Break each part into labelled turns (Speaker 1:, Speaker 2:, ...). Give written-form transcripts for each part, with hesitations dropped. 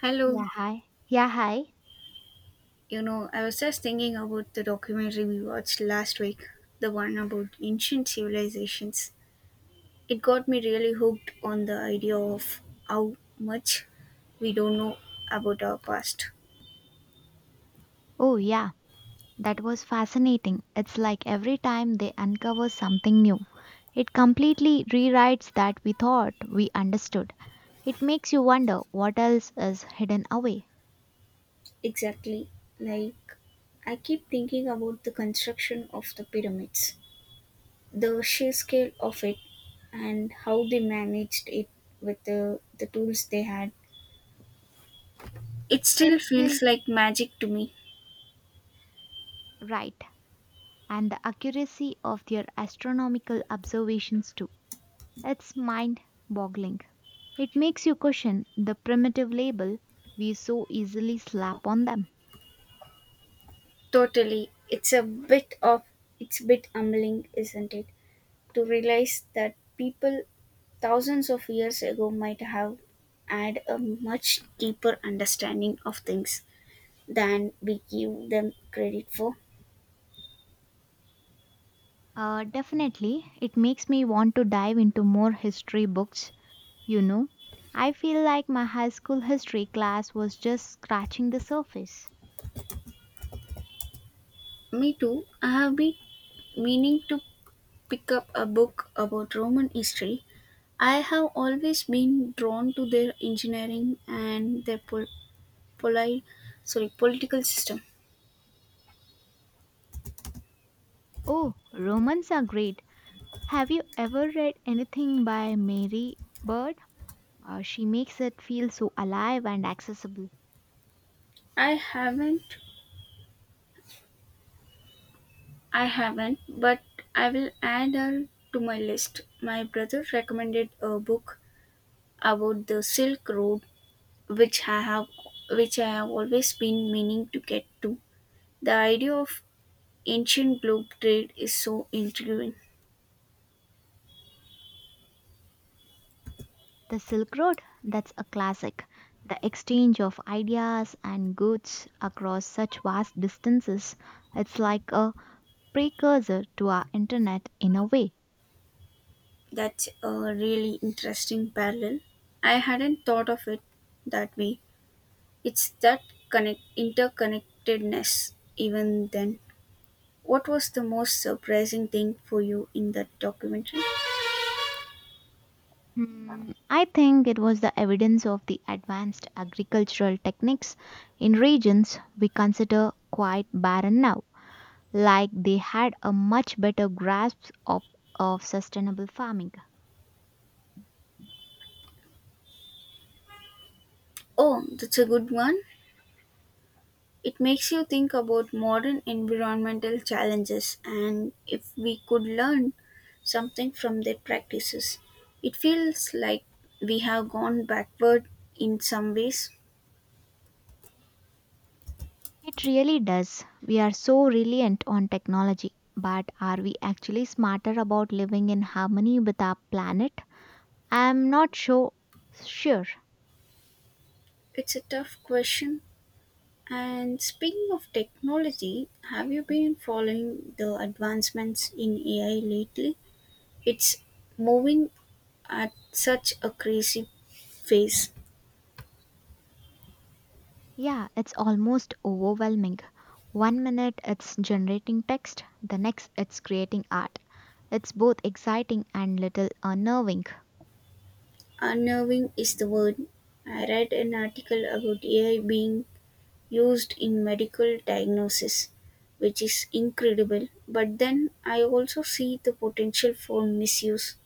Speaker 1: Hello,
Speaker 2: Yeah, hi. Yeah, hi.
Speaker 1: I was just thinking about the documentary we watched last week, the one about ancient civilizations. It got me really hooked on the idea of how much we don't know about our past.
Speaker 2: Oh, yeah, that was fascinating. It's like every time they uncover something new, it completely rewrites that we thought we understood. It makes you wonder what else is hidden away.
Speaker 1: Exactly. Like, I keep thinking about the construction of the pyramids, the sheer scale of it, and how they managed it with the tools they had. It
Speaker 2: It
Speaker 1: still
Speaker 2: still
Speaker 1: feels
Speaker 2: feels
Speaker 1: like magic to me.
Speaker 2: right, and the accuracy of their astronomical observations, too. It's mind boggling. It makes you question the primitive label we so easily slap on them.
Speaker 1: Totally. It's a bit humbling, isn't it? To realize that people thousands of years ago might have had a much deeper understanding of things than we give them credit for.
Speaker 2: Definitely, it makes me want to dive into more history books, you know. I feel like my high school history class was just scratching the surface.
Speaker 1: Me too. I have been meaning to pick up a book about Roman history. I have always been drawn to their engineering and their poli- sorry, political system.
Speaker 2: Oh, Romans are great. Have you ever read anything by Mary Bird? She makes it feel so alive and accessible.
Speaker 1: I haven't I haven't, but I will add her to my list. My brother recommended a book about the Silk Road, which I have, which I have always been meaning to get to. The idea of ancient globe trade is so intriguing.
Speaker 2: The Silk Road, that's a classic. The exchange of ideas and goods across such vast distances, it's like a precursor to our internet in a way.
Speaker 1: That's a really interesting parallel. I hadn't thought of it that way. It's that connect interconnectedness. Even then, what was the most surprising thing for you in that documentary?
Speaker 2: I think it was the evidence of the advanced agricultural techniques in regions we consider quite barren now, like they had a much better grasp of sustainable farming.
Speaker 1: Oh, that's a good one. It makes you think about modern environmental challenges and if we could learn something from their practices. It feels like we have gone backward in some ways.
Speaker 2: It really does. We are so reliant on technology, but are we actually smarter about living in harmony with our planet? I'm not sure. Sure.
Speaker 1: It's a tough question. And speaking of technology, have you been following the advancements in AI lately? It's moving at such a crazy pace.
Speaker 2: Yeah, it's almost overwhelming. One minute it's generating text, the next it's creating art. It's both exciting and little unnerving.
Speaker 1: Unnerving is the word. I read an article about AI being used in medical diagnosis, which is incredible. But then I also see the potential for misuse.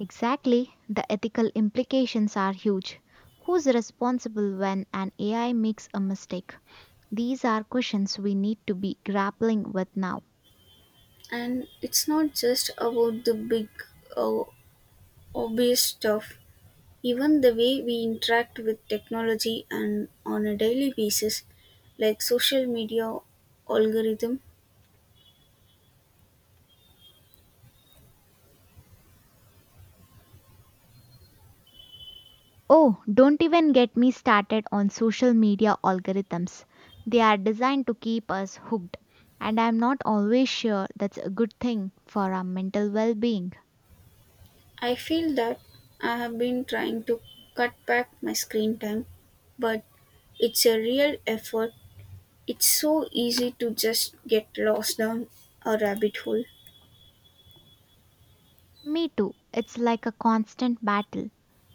Speaker 2: Exactly, the ethical implications are huge. Who's responsible when an AI makes a mistake? These are questions we need to be grappling with now.
Speaker 1: And it's not just about the big, uh, obvious stuff. Even the way we interact with technology and on a daily basis, like social media algorithm.
Speaker 2: Oh, don't even get me started on social media algorithms. They are designed to keep us hooked, and I'm not always sure that's a good thing for our mental well being.
Speaker 1: I feel that I have been trying to cut back my screen time, but it's a real effort. It's so easy to just get lost down a rabbit hole.
Speaker 2: Me too, it's like a constant battle.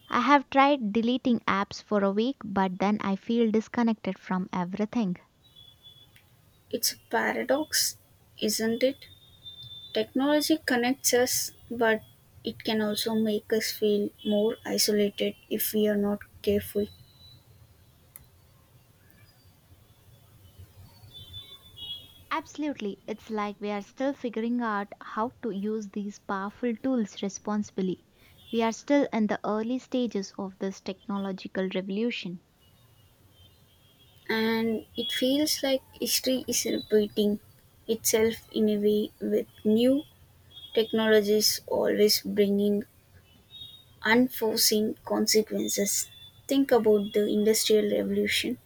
Speaker 2: I have tried deleting apps for a week, but then I feel disconnected from everything.
Speaker 1: It's a paradox, isn't it? Technology connects us, but it can also make us feel more isolated if we are not careful.
Speaker 2: Absolutely, it's like we are still figuring out how to use these powerful tools responsibly. We are still in the early stages of this technological revolution.
Speaker 1: And it feels like history is repeating itself in a way with new technologies always bringing unforeseen consequences. Think about the Industrial Revolution,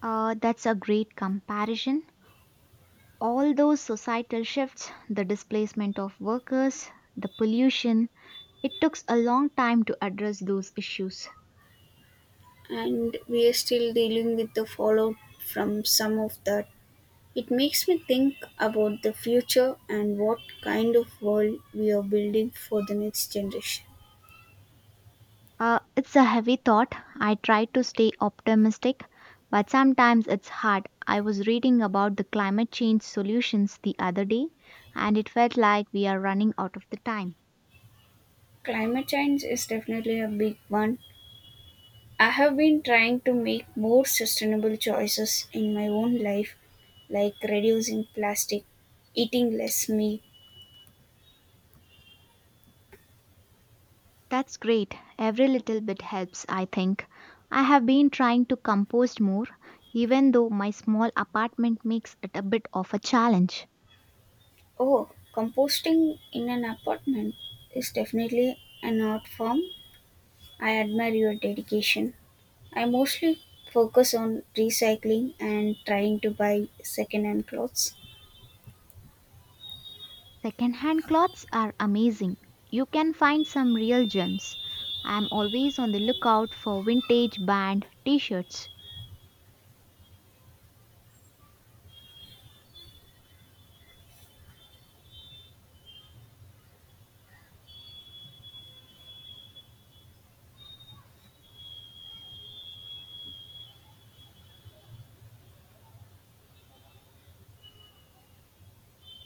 Speaker 2: That's a great comparison. All those societal shifts, the displacement of workers, the pollution, it took a long time to address those issues.
Speaker 1: and we are still dealing with the fallout from some of that. It makes me think about the future and what kind of world we are building for the next generation.
Speaker 2: It's a heavy thought. I try to stay optimistic, but sometimes it's hard. I was reading about the climate change solutions the other day, and it felt like we are running out of the time.
Speaker 1: Climate change is definitely a big one. I have been trying to make more sustainable choices in my own life, like reducing plastic, eating less meat.
Speaker 2: That's great. Every little bit helps, I think. I have been trying to compost more, even though my small apartment makes it a bit of a challenge.
Speaker 1: Oh, composting in an apartment is definitely an art form. I admire your dedication. I mostly focus on recycling and trying to buy second-hand clothes.
Speaker 2: Secondhand clothes are amazing. You can find some real gems. I am always on the lookout for vintage band t shirts.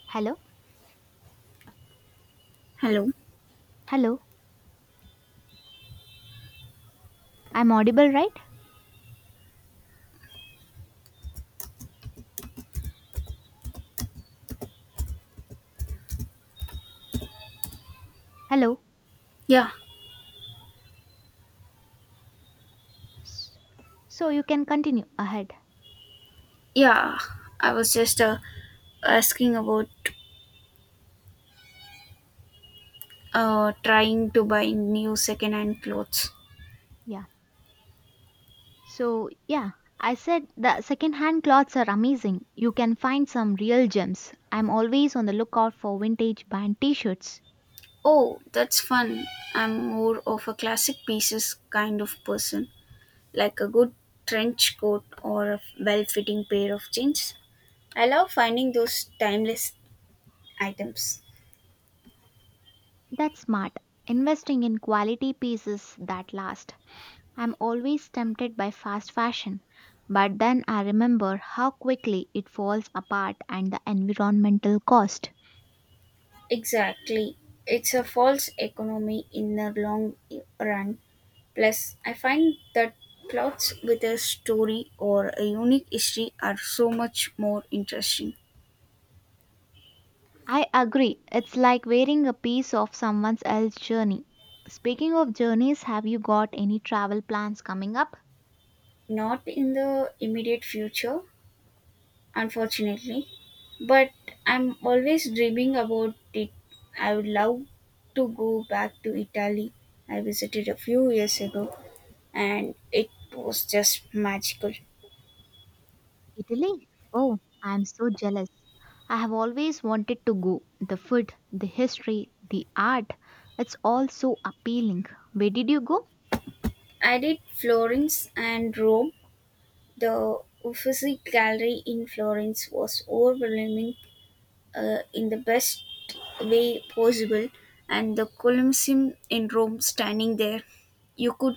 Speaker 2: Hello?
Speaker 1: Hello.
Speaker 2: Hello? I'm audible, right? Hello?
Speaker 1: Yeah,
Speaker 2: S- So you can continue ahead.
Speaker 1: yeah. I was just asking about trying to buy new second-hand clothes.
Speaker 2: Yeah. So, yeah, I said the second-hand clothes are amazing. You can find some real gems. I'm always on the lookout for vintage band t-shirts.
Speaker 1: Oh, that's fun. I'm more of a classic pieces kind of person, like a good trench coat or a well fitting pair of jeans. I love finding those timeless items.
Speaker 2: That's smart. Investing in quality pieces that last. I'm always tempted by fast fashion, but then I remember how quickly it falls apart and the environmental cost.
Speaker 1: Exactly. It's a false economy in the long run. Plus, I find that plots with a story or a unique history are so much more interesting.
Speaker 2: I agree. It's like wearing a piece of someone else's journey. Speaking of journeys, have you got any travel plans coming up?
Speaker 1: Not in the immediate future, unfortunately, but I'm always dreaming about it. I would love to go back to Italy. I visited a few years ago and it was just magical.
Speaker 2: Italy? Oh, I'm so jealous. I have always wanted to go. The food, the history, the art, it's all so appealing. Where did you go?
Speaker 1: I did Florence and Rome. The Uffizi Gallery in Florence was overwhelming, in the best way possible, and the Colosseum in Rome standing there. You could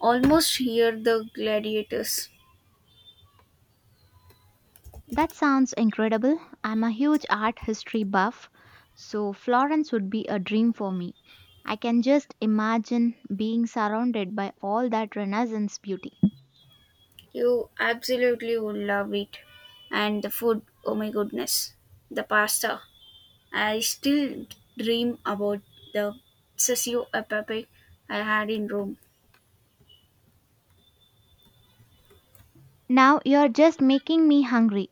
Speaker 1: almost hear the gladiators.
Speaker 2: That sounds incredible. I'm a huge art history buff, so Florence would be a dream for me. I can just imagine being surrounded by all that Renaissance beauty.
Speaker 1: You absolutely would love it. And the food, oh my goodness, the pasta. I still dream about the sessio e pepe I had in Rome.
Speaker 2: Now you're just making me hungry.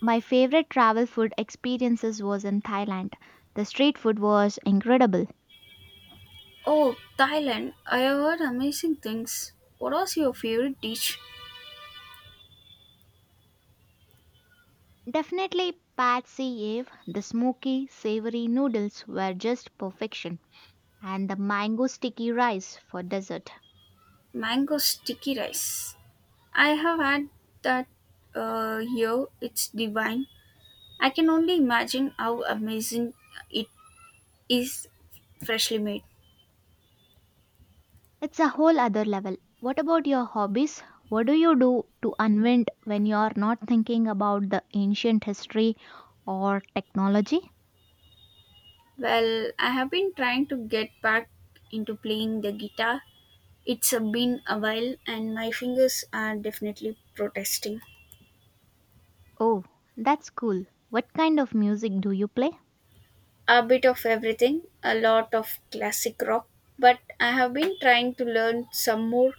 Speaker 2: My favorite travel food experiences was in Thailand. The street food was incredible.
Speaker 1: Oh, Thailand. I have heard amazing things. What was your favorite dish?
Speaker 2: Definitely Patsy Ave, the smoky, savory noodles were just perfection, and the mango sticky rice for dessert.
Speaker 1: Mango sticky rice. I have had that here. It's divine. I can only imagine how amazing it is freshly made.
Speaker 2: It's a whole other level. What about your hobbies? What do you do to unwind when you're not thinking about the ancient history or technology?
Speaker 1: Well, I have been trying to get back into playing the guitar. It's been a while and my fingers are definitely protesting.
Speaker 2: Oh, that's cool. What kind of music do you play?
Speaker 1: A bit of everything, a lot of classic rock, but I have been trying to learn some more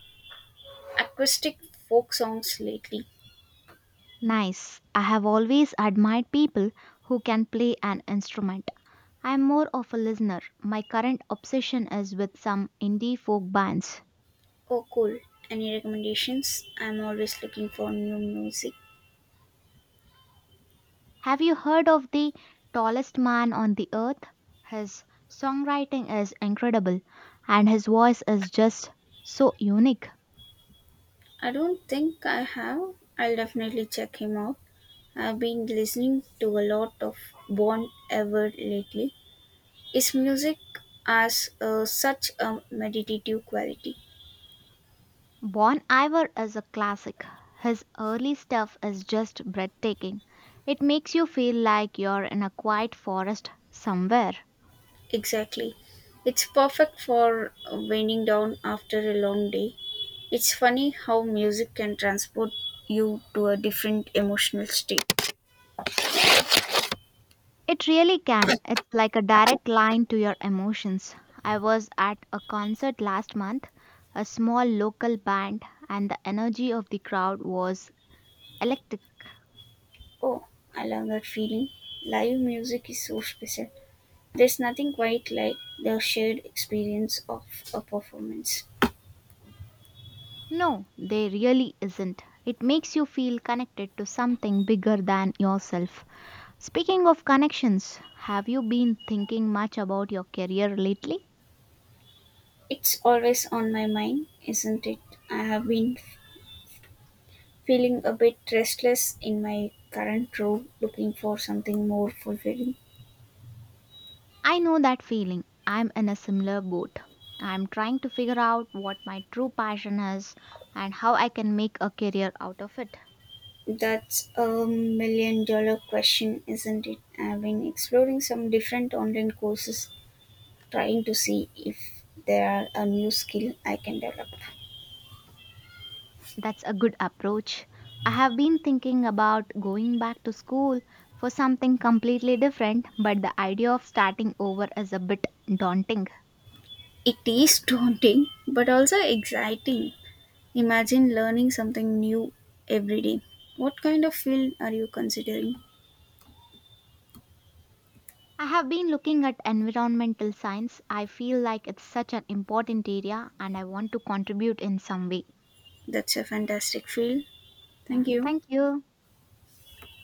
Speaker 1: acoustic folk songs lately.
Speaker 2: Nice. I have always admired people who can play an instrument. I'm more of a listener. My current obsession is with some indie folk bands.
Speaker 1: Oh, cool. Any recommendations? I'm always looking for new music.
Speaker 2: Have you heard of The Tallest Man on the Earth? His songwriting is incredible and his voice is just so unique.
Speaker 1: I don't think I have. I'll definitely check him out. I've been listening to a lot of Bon Ever lately. His music has, such a meditative quality.
Speaker 2: Bon Iver is a classic. His early stuff is just breathtaking. It makes you feel like you're in a quiet forest somewhere.
Speaker 1: Exactly. It's perfect for winding down after a long day. It's funny how music can transport you to a different emotional state.
Speaker 2: It really can. It's like a direct line to your emotions. I was at a concert last month, a small local band, and the energy of the crowd was electric.
Speaker 1: Oh, I love that feeling. Live music is so special. There's nothing quite like the shared experience of a performance.
Speaker 2: No, there really isn't. It makes you feel connected to something bigger than yourself. Speaking of connections, have you been thinking much about your career lately?
Speaker 1: It's always on my mind, isn't it? I have been feeling a bit restless in my current role, looking for something more fulfilling.
Speaker 2: I know that feeling. I'm in a similar boat. I'm trying to figure out what my true passion is and how I can make a career out of it.
Speaker 1: That's a million dollar question, isn't it? I've been exploring some different online courses, trying to see if there are a new skill I can develop.
Speaker 2: That's a good approach. I have been thinking about going back to school for something completely different, but the idea of starting over is a bit daunting.
Speaker 1: It is daunting, but also exciting. Imagine learning something new every day. What kind of field are you considering?
Speaker 2: I have been looking at environmental science. I feel like it's such an important area and I want to contribute in some way.
Speaker 1: That's a fantastic field.
Speaker 2: Yeah,
Speaker 1: Thank you.
Speaker 2: thank you.